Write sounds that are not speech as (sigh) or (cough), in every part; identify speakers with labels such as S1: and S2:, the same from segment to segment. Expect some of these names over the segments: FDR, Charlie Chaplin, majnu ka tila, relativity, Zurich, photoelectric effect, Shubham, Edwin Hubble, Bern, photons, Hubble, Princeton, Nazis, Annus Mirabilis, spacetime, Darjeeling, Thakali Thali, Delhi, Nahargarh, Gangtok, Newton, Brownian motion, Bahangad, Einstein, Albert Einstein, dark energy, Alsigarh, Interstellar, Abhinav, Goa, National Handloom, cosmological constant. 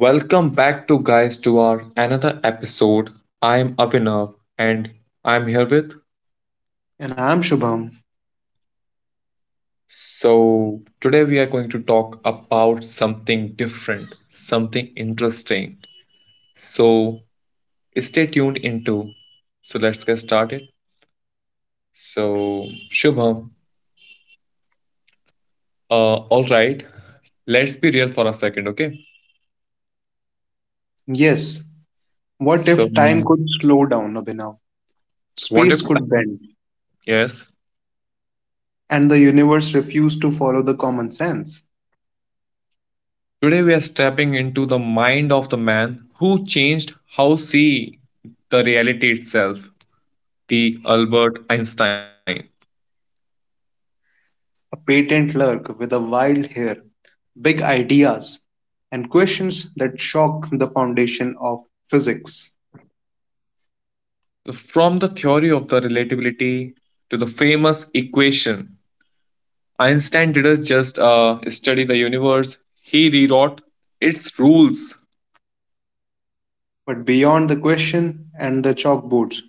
S1: Welcome back to guys to our another episode. I'm Avinav and I'm here with.
S2: And I'm Shubham.
S1: Today we are going to talk about something different, something interesting. So Stay tuned into. So let's get started. So Shubham, all right, let's be real for a second, okay?
S2: Yes, what
S1: So
S2: if time could slow down, Abhinav?
S1: what if
S2: Space could
S1: time?
S2: bend,
S1: Yes.
S2: and the universe refused to follow the common sense.
S1: Today, we are stepping into the mind of the man who changed how see the reality itself, the Albert Einstein.
S2: A patent lurk with a wild hair, big ideas, and questions that shock the foundation of physics.
S1: From the theory of the relativity to the famous equation, Einstein didn't just study the universe, he rewrote its rules.
S2: But beyond the question and the chalkboards,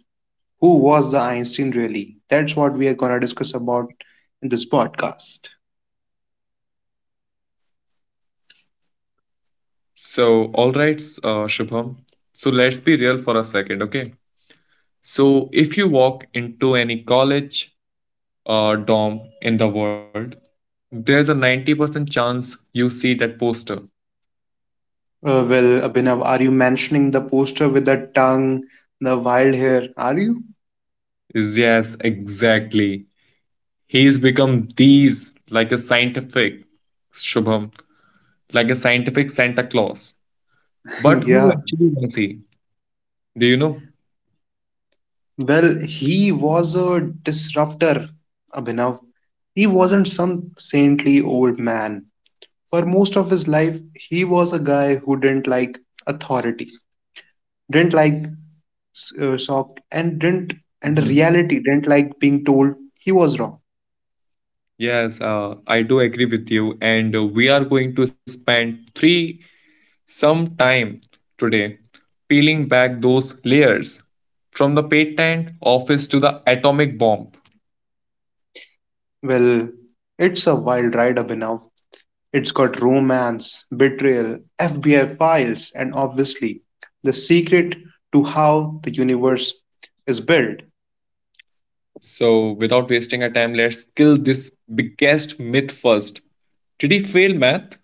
S2: who was the Einstein really? That's what we are going to discuss about in this podcast.
S1: So, all right, Shubham. So, let's be real for a second, okay? So, if you walk into any college, DOM in the world, there's a 90% chance you see that poster.
S2: Well, Abhinav, are you mentioning the poster with the tongue, the wild hair? Are you?
S1: Yes, exactly. He's become these like a scientific Shubham, like a scientific Santa Claus.
S2: (laughs)
S1: But who
S2: Yeah.
S1: actually wants he? Do you know?
S2: Well, he was a disruptor, Abhinav. He wasn't some saintly old man. For most of his life, he was a guy who didn't like authority, didn't like shock, and
S1: Mhm.
S2: reality, didn't like being told he was wrong.
S1: Yes, I do agree with you. And we are going to spend three some time today peeling back those layers from the patent office to the atomic bomb.
S2: Well, it's a wild ride, Abhinav. It's got romance, betrayal, FBI files, and obviously, the secret to how the universe is built.
S1: So, without wasting our time, let's kill this biggest myth first. Did he fail math?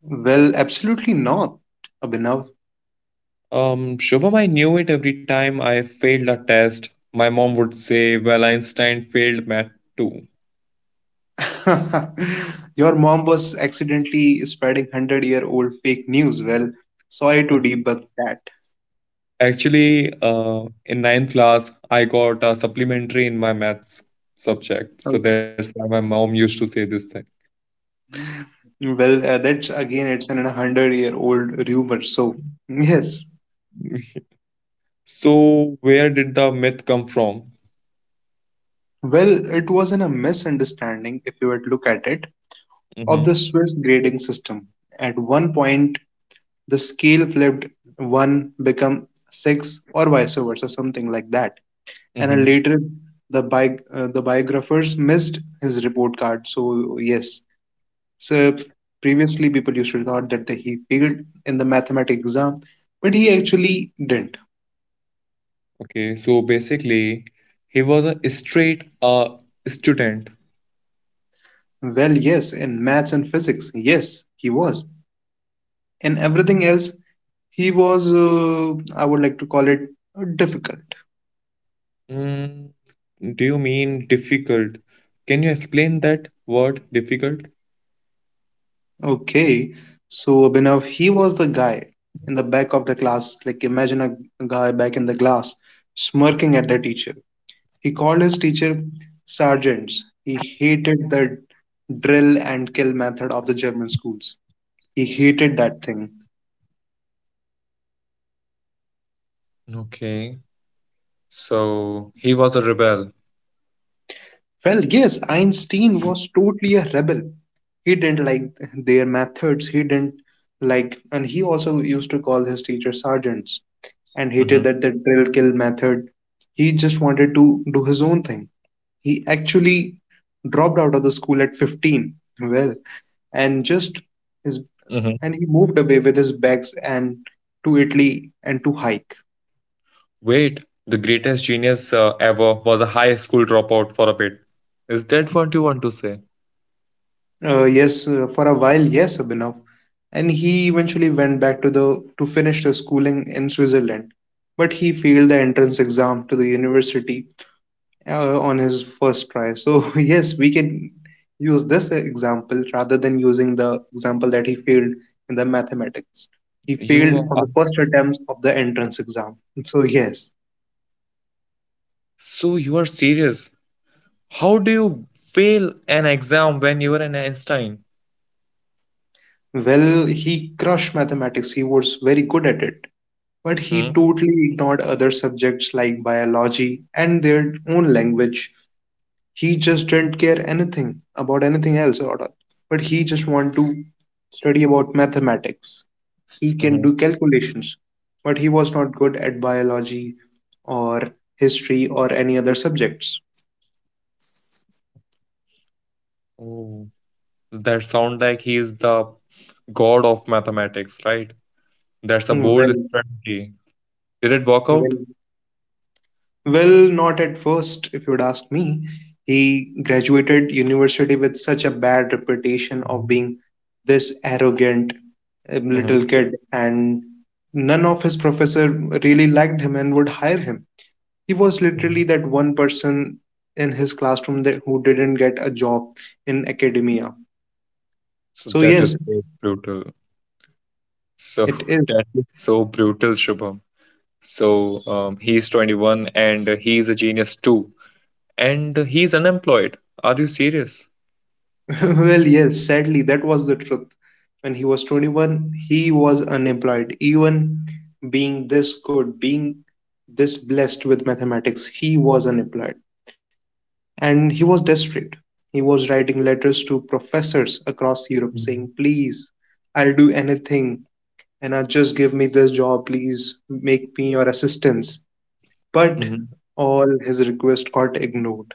S2: Well, absolutely not, Abhinav.
S1: Shubham, I knew it every time I failed a test. My mom would say, well, Einstein failed math too.
S2: (laughs) Your mom was accidentally spreading 100-year-old fake news. Well, sorry to debug that.
S1: Actually, in ninth class, I got a supplementary in my maths subject. So
S2: Okay.
S1: that's why my mom used to say this thing.
S2: Well, that's again, it's an 100-year-old rumor. So, yes.
S1: (laughs) So, where did the myth come from?
S2: Well, it wasn't a misunderstanding if you would look at it of the
S1: Mm-hmm.
S2: Swiss grading system. At one point, the scale flipped, one become six, or vice versa, something like that. And then
S1: Mm-hmm.
S2: later, the biographers missed his report card. So yes, so previously people used to thought that he failed in the mathematics exam, but he actually didn't.
S1: Okay, so basically, he was a straight student.
S2: Well, yes, in maths and physics, yes, he was. In everything else, he was I would like to call it difficult.
S1: Mm, do you mean difficult? Can you explain that word difficult?
S2: Okay, so Abhinav, he was the guy in the back of the class. Like, imagine a guy back in the class smirking at the teacher. He called his teacher sergeants. He hated the drill and kill method of the German schools. He hated that thing.
S1: Okay, so he was a rebel.
S2: Well, yes, Einstein was totally a rebel. He didn't like their methods. He didn't like, and he also used to call his teacher sergeants and
S1: Mm-hmm.
S2: hated that the drill kill method. He just wanted to do his own thing. He actually dropped out of the school at 15. Well, and just his
S1: Mm-hmm.
S2: and he moved away with his bags and to Italy and to hike.
S1: Wait, the greatest genius ever was a high school dropout for a bit. Is that what you want to say?
S2: Yes, for a while, yes, Abhinav. And he eventually went back to finish his schooling in Switzerland. But he failed the entrance exam to the university on his first try. So (laughs) yes, we can use this example rather than using the example that he failed in the mathematics. He
S1: You
S2: failed
S1: are.
S2: on the first attempt of the entrance exam. So yes,
S1: So you are serious? How do you fail an exam when you were an Einstein?
S2: well, he crushed mathematics. He was very good at it. But he totally ignored other subjects like biology and their own language. He just didn't care anything about anything else at all. But he just wanted to study about mathematics. He can
S1: Mm-hmm.
S2: do calculations, but he was not good at biology or history or any other subjects.
S1: Oh. That sound like he is the god of mathematics, right? That's a
S2: Hmm,
S1: bold
S2: Well,
S1: strategy. Did it work out?
S2: well, Well, not at first, if you'd ask me. He graduated university with such a bad reputation of being this arrogant
S1: Hmm.
S2: little kid, and none of his professor really liked him and would hire him. He was literally that one person in his classroom that who didn't get a job in academia.
S1: So
S2: So
S1: that is
S2: yes,
S1: so brutal. So (laughs)
S2: it is.
S1: that is so brutal, Shubham. So he's 21 and he's a genius too. And he's unemployed. Are you serious?
S2: (laughs) Well, yes, sadly, that was the truth. When he was 21, he was unemployed. Even being this good, being this blessed with mathematics, he was unemployed. And he was desperate. He was writing letters to professors across Europe saying, Please, I'll do anything, and just give me this job, please make me your assistance. But
S1: Mm-hmm.
S2: all his requests got ignored.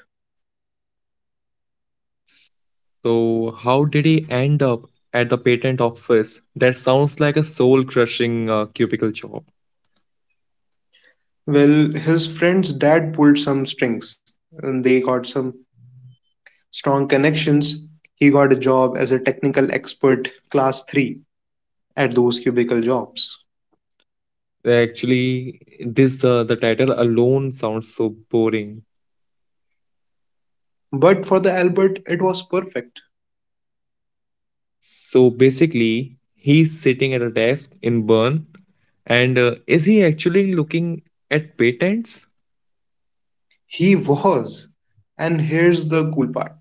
S1: So how did he end up at the patent office? That sounds like a soul-crushing cubicle job.
S2: Well, his friend's dad pulled some strings, and they got some strong connections, he got a job as a technical expert class 3 at those cubicle jobs.
S1: Actually, this the title alone sounds so boring.
S2: But for the Albert, it was perfect.
S1: So basically, he's sitting at a desk in Bern, and is he actually looking at patents.
S2: He was. And here's the cool part,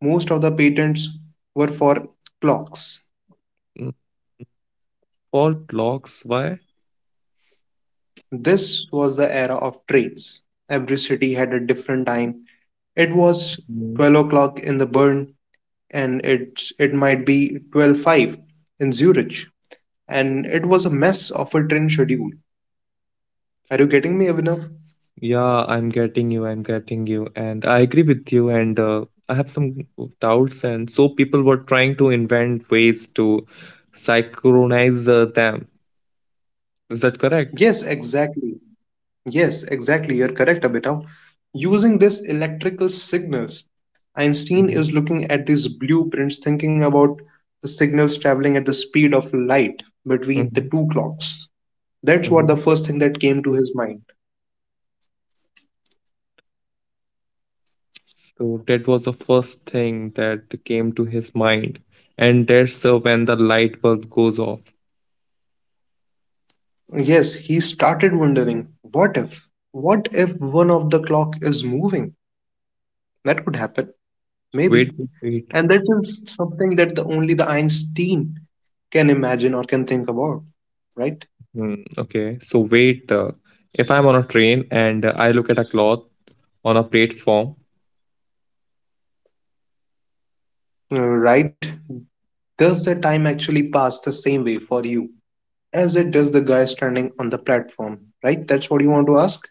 S2: most of the patents were for clocks.
S1: Mm, for clocks? Why?
S2: This was the era of trains. Every city had a different time. It was
S1: Mm.
S2: 12 o'clock in the Bern, and it might be 12:05 in Zurich. And it was a mess of a train schedule. Are you getting me, Abhinav?
S1: Yeah, I'm getting you, and I agree with you. And I have some doubts, and so people were trying to invent ways to synchronize them. Is that correct?
S2: Yes, exactly. Yes, exactly. You're correct, Abhinav. Using this electrical signals, Einstein
S1: Mm-hmm.
S2: is looking at these blueprints, thinking about the signals traveling at the speed of light between the
S1: Mm-hmm.
S2: two clocks. That's what the first thing that came to his mind.
S1: So that was the first thing that came to his mind. And that's when the light bulb goes off.
S2: Yes, he started wondering, what if? What if one of the clock is moving? That could happen. Maybe.
S1: Wait.
S2: And that is something that only the Einstein can imagine or can think about, right?
S1: Hmm, okay, so wait. If I'm on a train and I look at a cloth on a platform,
S2: Right? Does the time actually pass the same way for you as it does the guy standing on the platform, right? That's what you want to ask?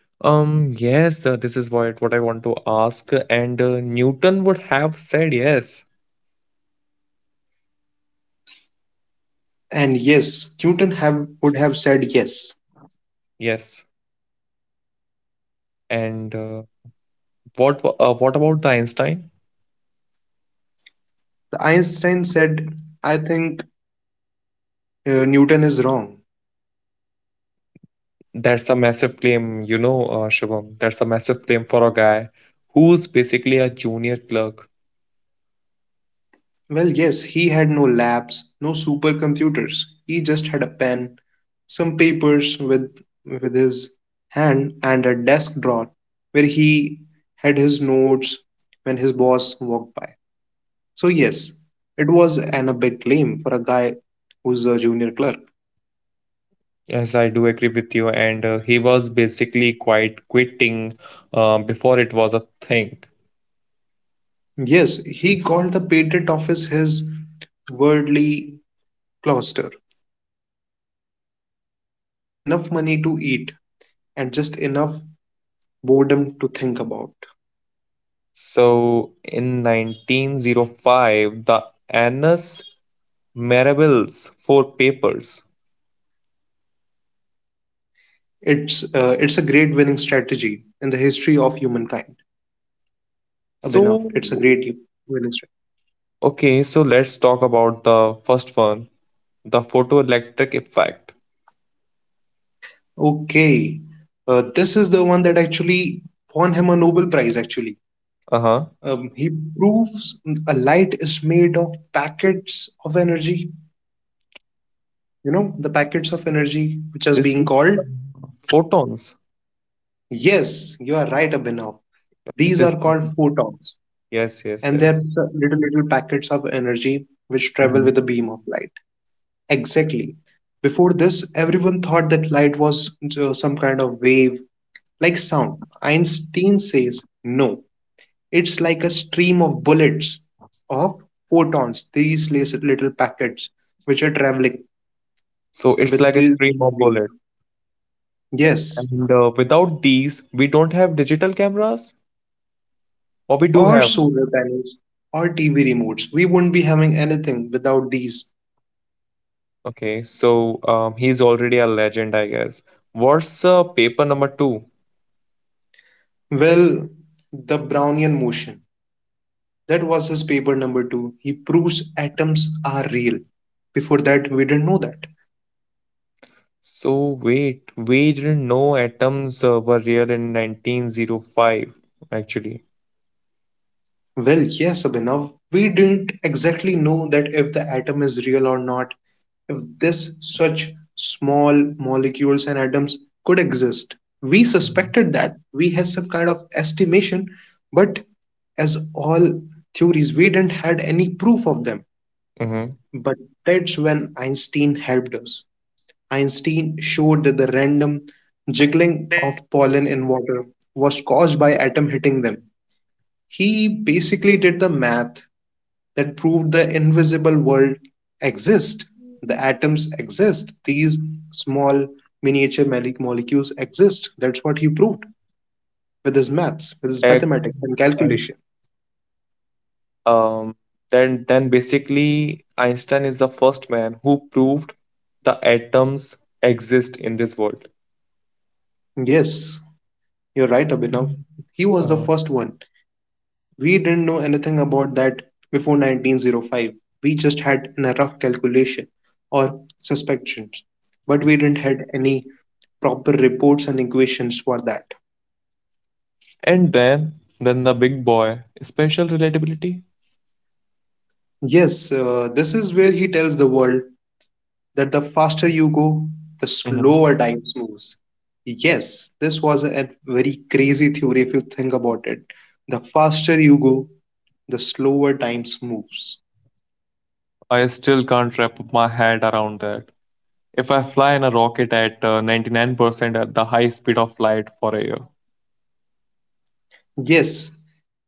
S1: yes, this is what I want to ask. And Newton would have said yes,
S2: And yes, Newton have would have said yes.
S1: yes. And what about the Einstein?
S2: The Einstein said, I think Newton is wrong.
S1: That's a massive claim, you know, Shubham. That's a massive claim for a guy who's basically a junior clerk.
S2: Well, yes, he had no labs, no supercomputers. He just had a pen, some papers with his hand, and a desk drawer where he had his notes when his boss walked by. So yes, it was an a big claim for a guy who's a junior clerk.
S1: Yes, I do agree with you. And he was basically quite quitting before it was a thing.
S2: Yes, he called the patent office his worldly cloister. It gave him just enough money to eat and just enough boredom to think about.
S1: So in 1905, the Annus Mirabilis, four papers.
S2: It's a great winning strategy in the history of humankind. Abhinav,
S1: So,
S2: it's a great winning strategy.
S1: okay, so let's talk about the first one, the photoelectric effect.
S2: Okay, this is the one that actually won him a Nobel Prize. Actually,
S1: Uh-huh.
S2: he proves a light is made of packets of energy. You know the packets of energy which is
S1: Is
S2: being
S1: this
S2: called.
S1: photons?
S2: Yes, you are right, Abhinav. These
S1: It is.
S2: are called photons,
S1: Yes, yes,
S2: and they're
S1: yes.
S2: little packets of energy which travel
S1: Hmm.
S2: with the beam of light. Exactly. Before this, everyone thought that light was some kind of wave, like sound. Einstein says, no, it's like a stream of bullets of photons, these little packets which are traveling
S1: So it's
S2: with
S1: like a
S2: the
S1: stream
S2: these
S1: of
S2: waves.
S1: bullet.
S2: Yes,
S1: And without these, we don't have digital cameras, or we do
S2: or
S1: have.
S2: solar panels or TV remotes. We wouldn't be having anything without these.
S1: Okay, so he's already a legend, I guess. What's paper number two?
S2: Well, the Brownian motion. That was his paper number two. He proves atoms are real. Before that, we didn't know that.
S1: So wait, we didn't know atoms were real in 1905, actually.
S2: Well, yes, Abhinav, we didn't exactly know that if the atom is real or not, if this such small molecules and atoms could exist. We suspected that. We had some kind of estimation, but as all theories, we didn't had any proof of them.
S1: Mm-hmm.
S2: But that's when Einstein helped us. Einstein showed that the random jiggling of pollen in water was caused by atom hitting them. He basically did the math that proved the invisible world exists. The atoms exist. These small miniature molecules exist. That's what he proved with his
S1: And,
S2: maths, with his mathematics
S1: and
S2: and calculation.
S1: um, then basically Einstein is the first man who proved the atoms exist in this world.
S2: Yes, you're right, Abhinav. He was the
S1: Uh,
S2: first one. We didn't know anything about that before 1905. We just had a rough calculation or suspicions, but we didn't had any proper reports and equations for that.
S1: and then, the big boy, spatial relatability.
S2: Yes, this is where he tells the world that the faster you go, the
S1: Mhm.
S2: slower time moves. Yes, this was a very crazy theory if you think about it. The faster you go, the slower time moves.
S1: I still can't wrap my head around that. If I fly in a rocket at 99% at the high speed of light for a year.
S2: Yes,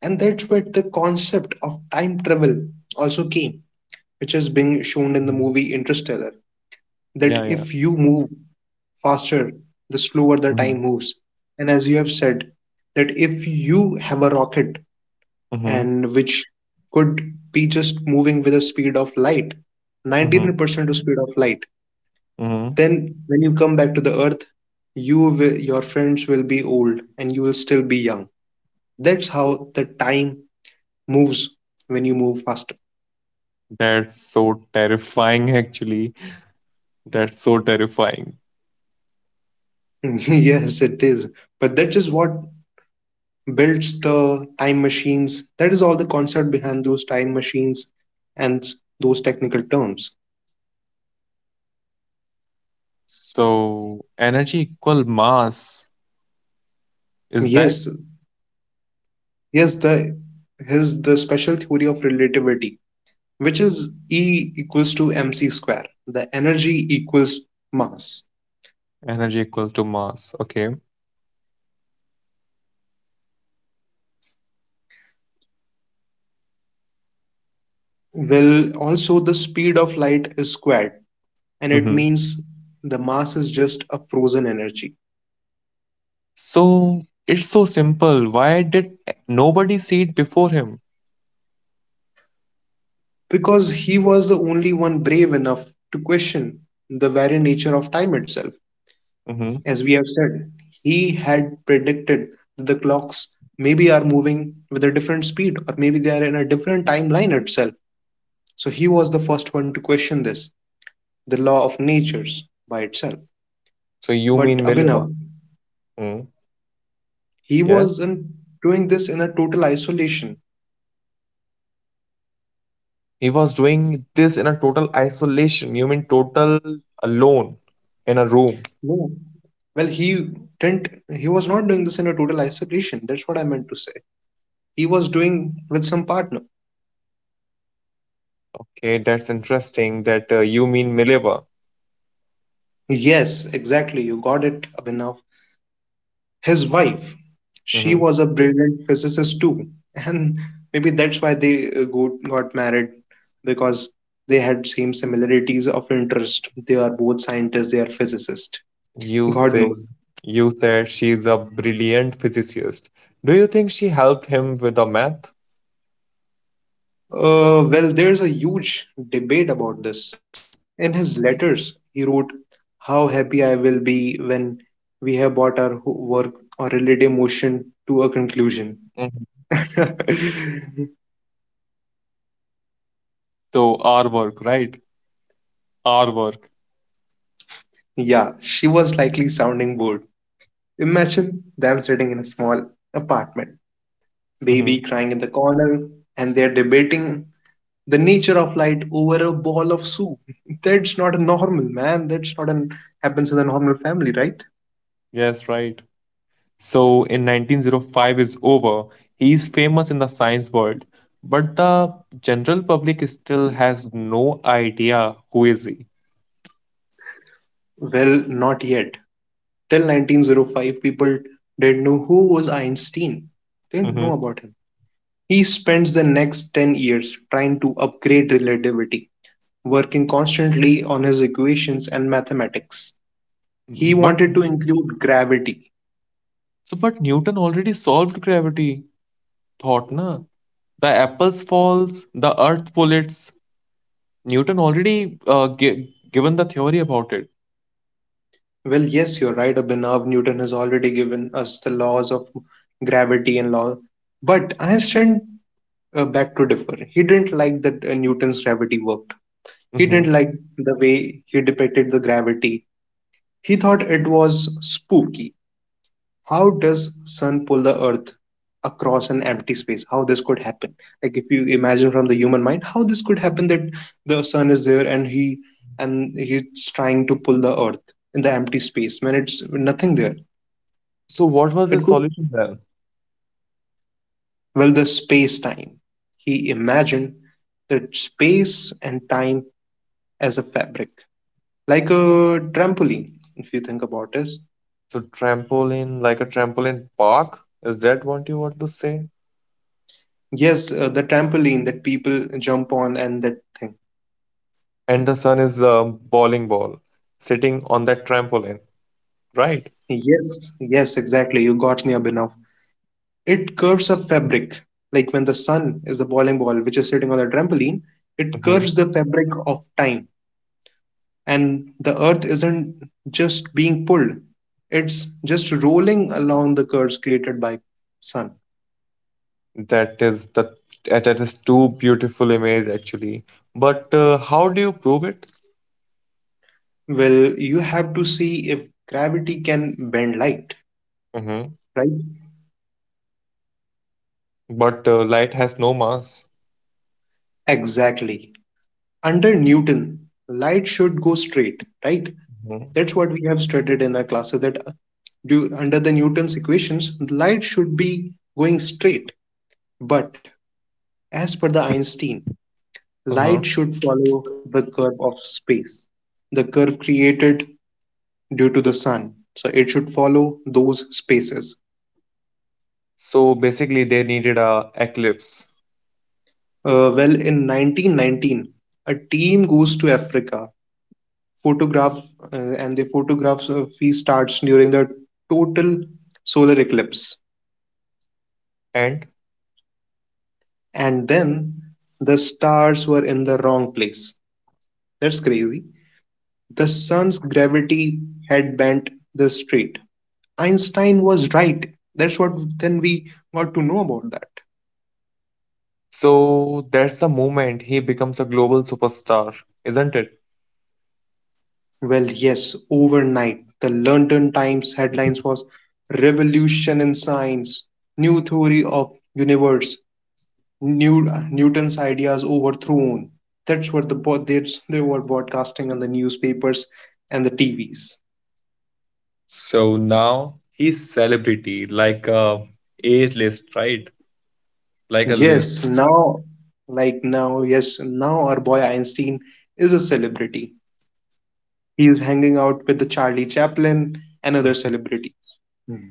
S2: and that's where the concept of time travel also came, which is being shown
S1: Mhm.
S2: in the movie Interstellar.
S1: Yeah,
S2: That
S1: yeah.
S2: if you move faster, the slower the
S1: Mm-hmm.
S2: time moves. And as you have said, that if you have a rocket
S1: Mm-hmm.
S2: and which could be just moving with the speed of light, 99% of speed of light,
S1: Mm-hmm.
S2: then when you come back to the earth, your friends will be old and you will still be young. That's how the time moves when you move faster.
S1: That's so terrifying, actually. That's so terrifying.
S2: (laughs) Yes, it is. But that is what builds the time machines. That is all the concept behind those time machines and those technical terms.
S1: So, energy equal mass. Is that
S2: Yes, yes, the special theory of relativity, which is E equals to mc square. The energy equals mass.
S1: energy equal to mass? Okay.
S2: Well, also the speed of light is squared, and it
S1: Mm-hmm.
S2: means the mass is just a frozen energy.
S1: So it's so simple. Why did nobody see it before him?
S2: Because he was the only one brave enough to question the very nature of time itself.
S1: Hmm.
S2: As we have said, he had predicted that the clocks maybe are moving with a different speed or maybe they are in a different timeline itself. So he was the first one to question this, the law of natures by itself.
S1: So you
S2: But
S1: mean Mileva?
S2: Abhinav,
S1: Mm.
S2: he
S1: Yeah.
S2: wasn't doing this in a total isolation.
S1: He was doing this in a total isolation. You mean total alone in a room.
S2: No. Well, he didn't, he was not doing this in a total isolation. That's what I meant to say. He was doing with some partner.
S1: Okay, that's interesting that you mean Mileva.
S2: Yes, exactly. You got it, Abhinav. His wife, she
S1: Hmm.
S2: was a brilliant physicist too. (laughs) And maybe that's why they got married because they had same similarities of interest. They are both scientists, they are physicists.
S1: You
S2: God
S1: say
S2: knows.
S1: you said she's a brilliant physicist. Do you think she helped him with the math?
S2: Well, there's a huge debate about this. In his letters, he wrote, how happy I will be when we have brought our work or relative motion to a
S1: Mhm.
S2: conclusion. (laughs)
S1: So our work, right? Our work.
S2: Yeah, she was likely sounding bored. Imagine them sitting in a small apartment,
S1: Hmm.
S2: baby crying in the corner, and they're debating the nature of light over a ball of soup. (laughs) That's not a normal, man. That's not an happens in a normal family, right?
S1: Yes, right. So in 1905 is over. He is famous in the science world, but the general public still has no idea who is he.
S2: Well, not yet. Till 1905, people didn't know who was Einstein. They didn't know
S1: Mhm.
S2: about him. He spends the next 10 years trying to upgrade relativity, working constantly on his equations and mathematics. He
S1: But
S2: wanted to include gravity.
S1: but Newton already solved gravity thought na. The apples falls, the earth pullets. Newton already given the theory about it.
S2: Well, yes, you're right, Abhinav. Newton has already given us the laws of gravity and law. But Einstein back to differ. He didn't like that Newton's gravity worked. He
S1: Mhm.
S2: didn't like the way he depicted the gravity. He thought it was spooky. How does sun pull the earth across an empty space, how this could happen, like if you imagine from the human mind how this could happen, that the sun is there and he's trying to pull the earth in the empty space when it's nothing there.
S1: So what was
S2: It
S1: his
S2: could,
S1: solution then?
S2: well, the space time, he imagined the space and time as a fabric, like a trampoline, if you think about it.
S1: So trampoline, like a trampoline park? Is that what you want to say?
S2: Yes, the trampoline that people jump on and that thing.
S1: And the sun is a bowling ball sitting on that trampoline, right?
S2: Yes, yes, exactly. You got me, Abhinav. It curves a fabric. Like when the sun is the bowling ball, which is sitting on the trampoline, it
S1: Mhm.
S2: curves the fabric of time. And the earth isn't just being pulled, it's just rolling along the curves created by sun.
S1: That is the that that is too beautiful image actually. But how do you prove it?
S2: Well, you have to see if gravity can bend light,
S1: Hmm.
S2: right?
S1: But light has no mass.
S2: Exactly. Under Newton, light should go straight, right?
S1: Mhm.
S2: That's what we have studied in our classes, that under the Newton's equations, light should be going straight. But as per the Einstein, light
S1: Uh-huh.
S2: should follow the curve of space, the curve created due to the sun. So it should follow those spaces.
S1: So basically, they needed a eclipse,
S2: Well, in 1919, a team goes to Africa, photograph, and the photograph starts during the total solar eclipse.
S1: and
S2: And then the stars were in the wrong place. That's crazy. The sun's gravity had bent the street. Einstein was right. That's what then we got to know about that.
S1: so that's the moment he becomes a global superstar, isn't it?
S2: Well, yes, overnight, the London Times headlines was Revolution in Science, New Theory of Universe, New, Newton's Ideas Overthrown. That's what the they were broadcasting on the newspapers and the TVs.
S1: So now he's celebrity, like a A list, right? Like a list.
S2: Yes, now, like now, yes, now our boy Einstein is a celebrity. He is hanging out with the Charlie Chaplin and other
S1: (laughs)
S2: celebrities. Hmm.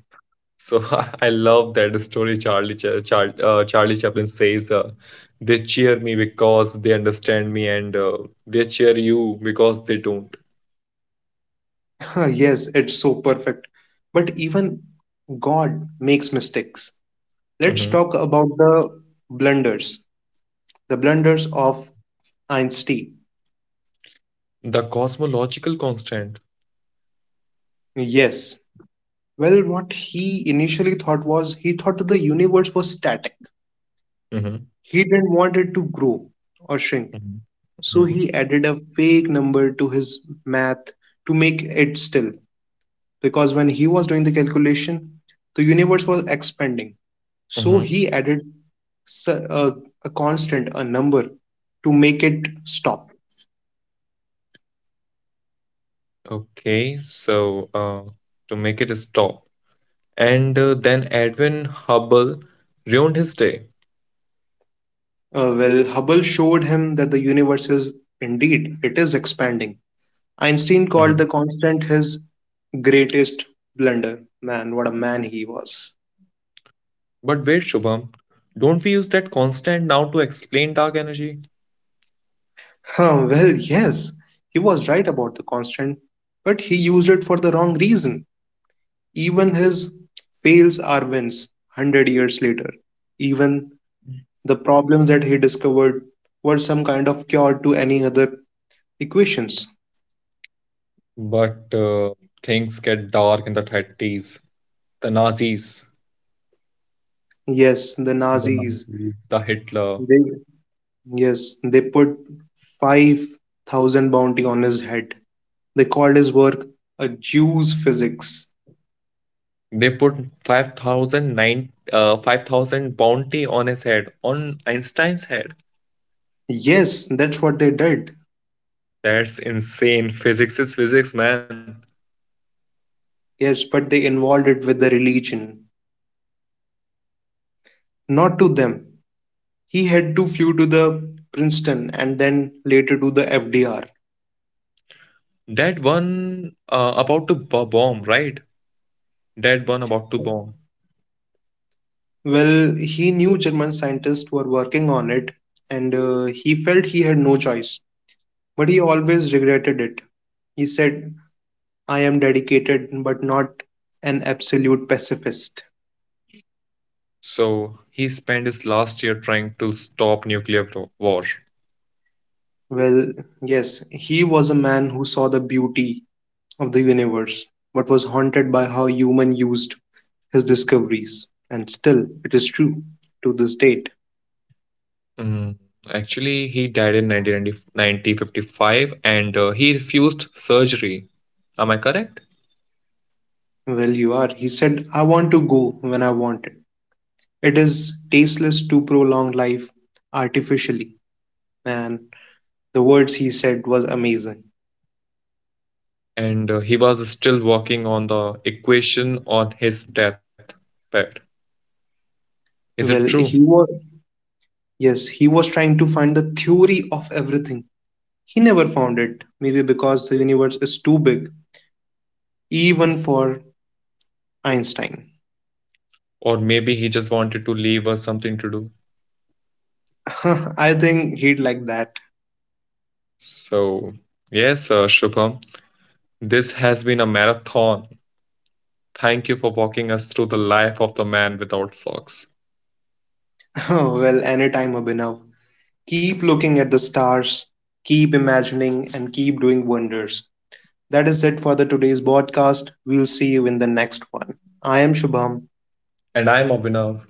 S1: So (laughs) I love that story. Charlie Chaplin says, "They cheer me because they understand me, and they cheer you because they don't."
S2: (laughs) Yes, it's so perfect. But even God makes mistakes. Let's
S1: Mhm.
S2: talk about blunders, the blunders of Einstein.
S1: The cosmological constant.
S2: Yes. Well, what he initially thought was he thought the universe was static.
S1: Hmm.
S2: He didn't want it to grow or shrink. So
S1: Hmm.
S2: he added a fake number to his math to make it still, because when he was doing the calculation, the universe was expanding. So
S1: Hmm.
S2: he added a constant, a number to make it stop.
S1: Okay, so to make it stop, and then Edwin Hubble ruined his day.
S2: Well, Hubble showed him that the universe is, indeed it is expanding. Einstein
S1: Mhm.
S2: called the constant his greatest blunder. Man, what a man he was.
S1: But wait, Shubham, don't we use that constant now to explain dark energy?
S2: Huh, well, yes, he was right about the constant, but he used it for the wrong reason. Even his fails are wins 100 years later. Even the problems that he discovered were some kind of cure to any other equations.
S1: But things get dark in the 30s. The Nazis,
S2: Yes, the
S1: the
S2: Nazis,
S1: Nazis, the Hitler,
S2: they, yes, they put 5,000 bounty on his head. They called his work a Jew's physics.
S1: they put five thousand nine, nine- 5,000 bounty on his head, on Einstein's head.
S2: Yes, that's what they did.
S1: That's insane. Physics is physics, man.
S2: Yes, but they involved it with the religion. Not to them. He had to flew to the Princeton and then later to the FDR.
S1: That one bomb, right? That one about to bomb.
S2: Well, he knew German scientists were working on it and he felt he had no choice, but he always regretted it. He said, I am dedicated but not an absolute pacifist.
S1: So he spent his last year trying to stop nuclear war.
S2: Well, yes, he was a man who saw the beauty of the universe but was haunted by how human used his discoveries. And still, it is true to this date.
S1: Mm, actually, he died in 1955 and he refused surgery. Am I correct?
S2: Well, you are. He said, I want to go when I want. It is tasteless to prolong life artificially. Man, the words he said was amazing.
S1: And he was still working on the equation on his death bed. Is it
S2: Well,
S1: true?
S2: he was, yes, he was trying to find the theory of everything. He never found it, maybe because the universe is too big, even for Einstein.
S1: Or maybe he just wanted to leave us something to do.
S2: (laughs) I think he'd like that.
S1: So, yes, Shubham, this has been a marathon. Thank you for walking us through the life of the man without socks.
S2: (laughs) Well, anytime, Abhinav. Keep looking at the stars, keep imagining, and keep doing wonders. That is it for the today's podcast. We'll see you in the next one. I am Shubham.
S1: And I'm Abhinav.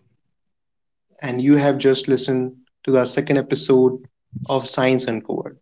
S2: And you have just listened to our second episode of Science Uncovered.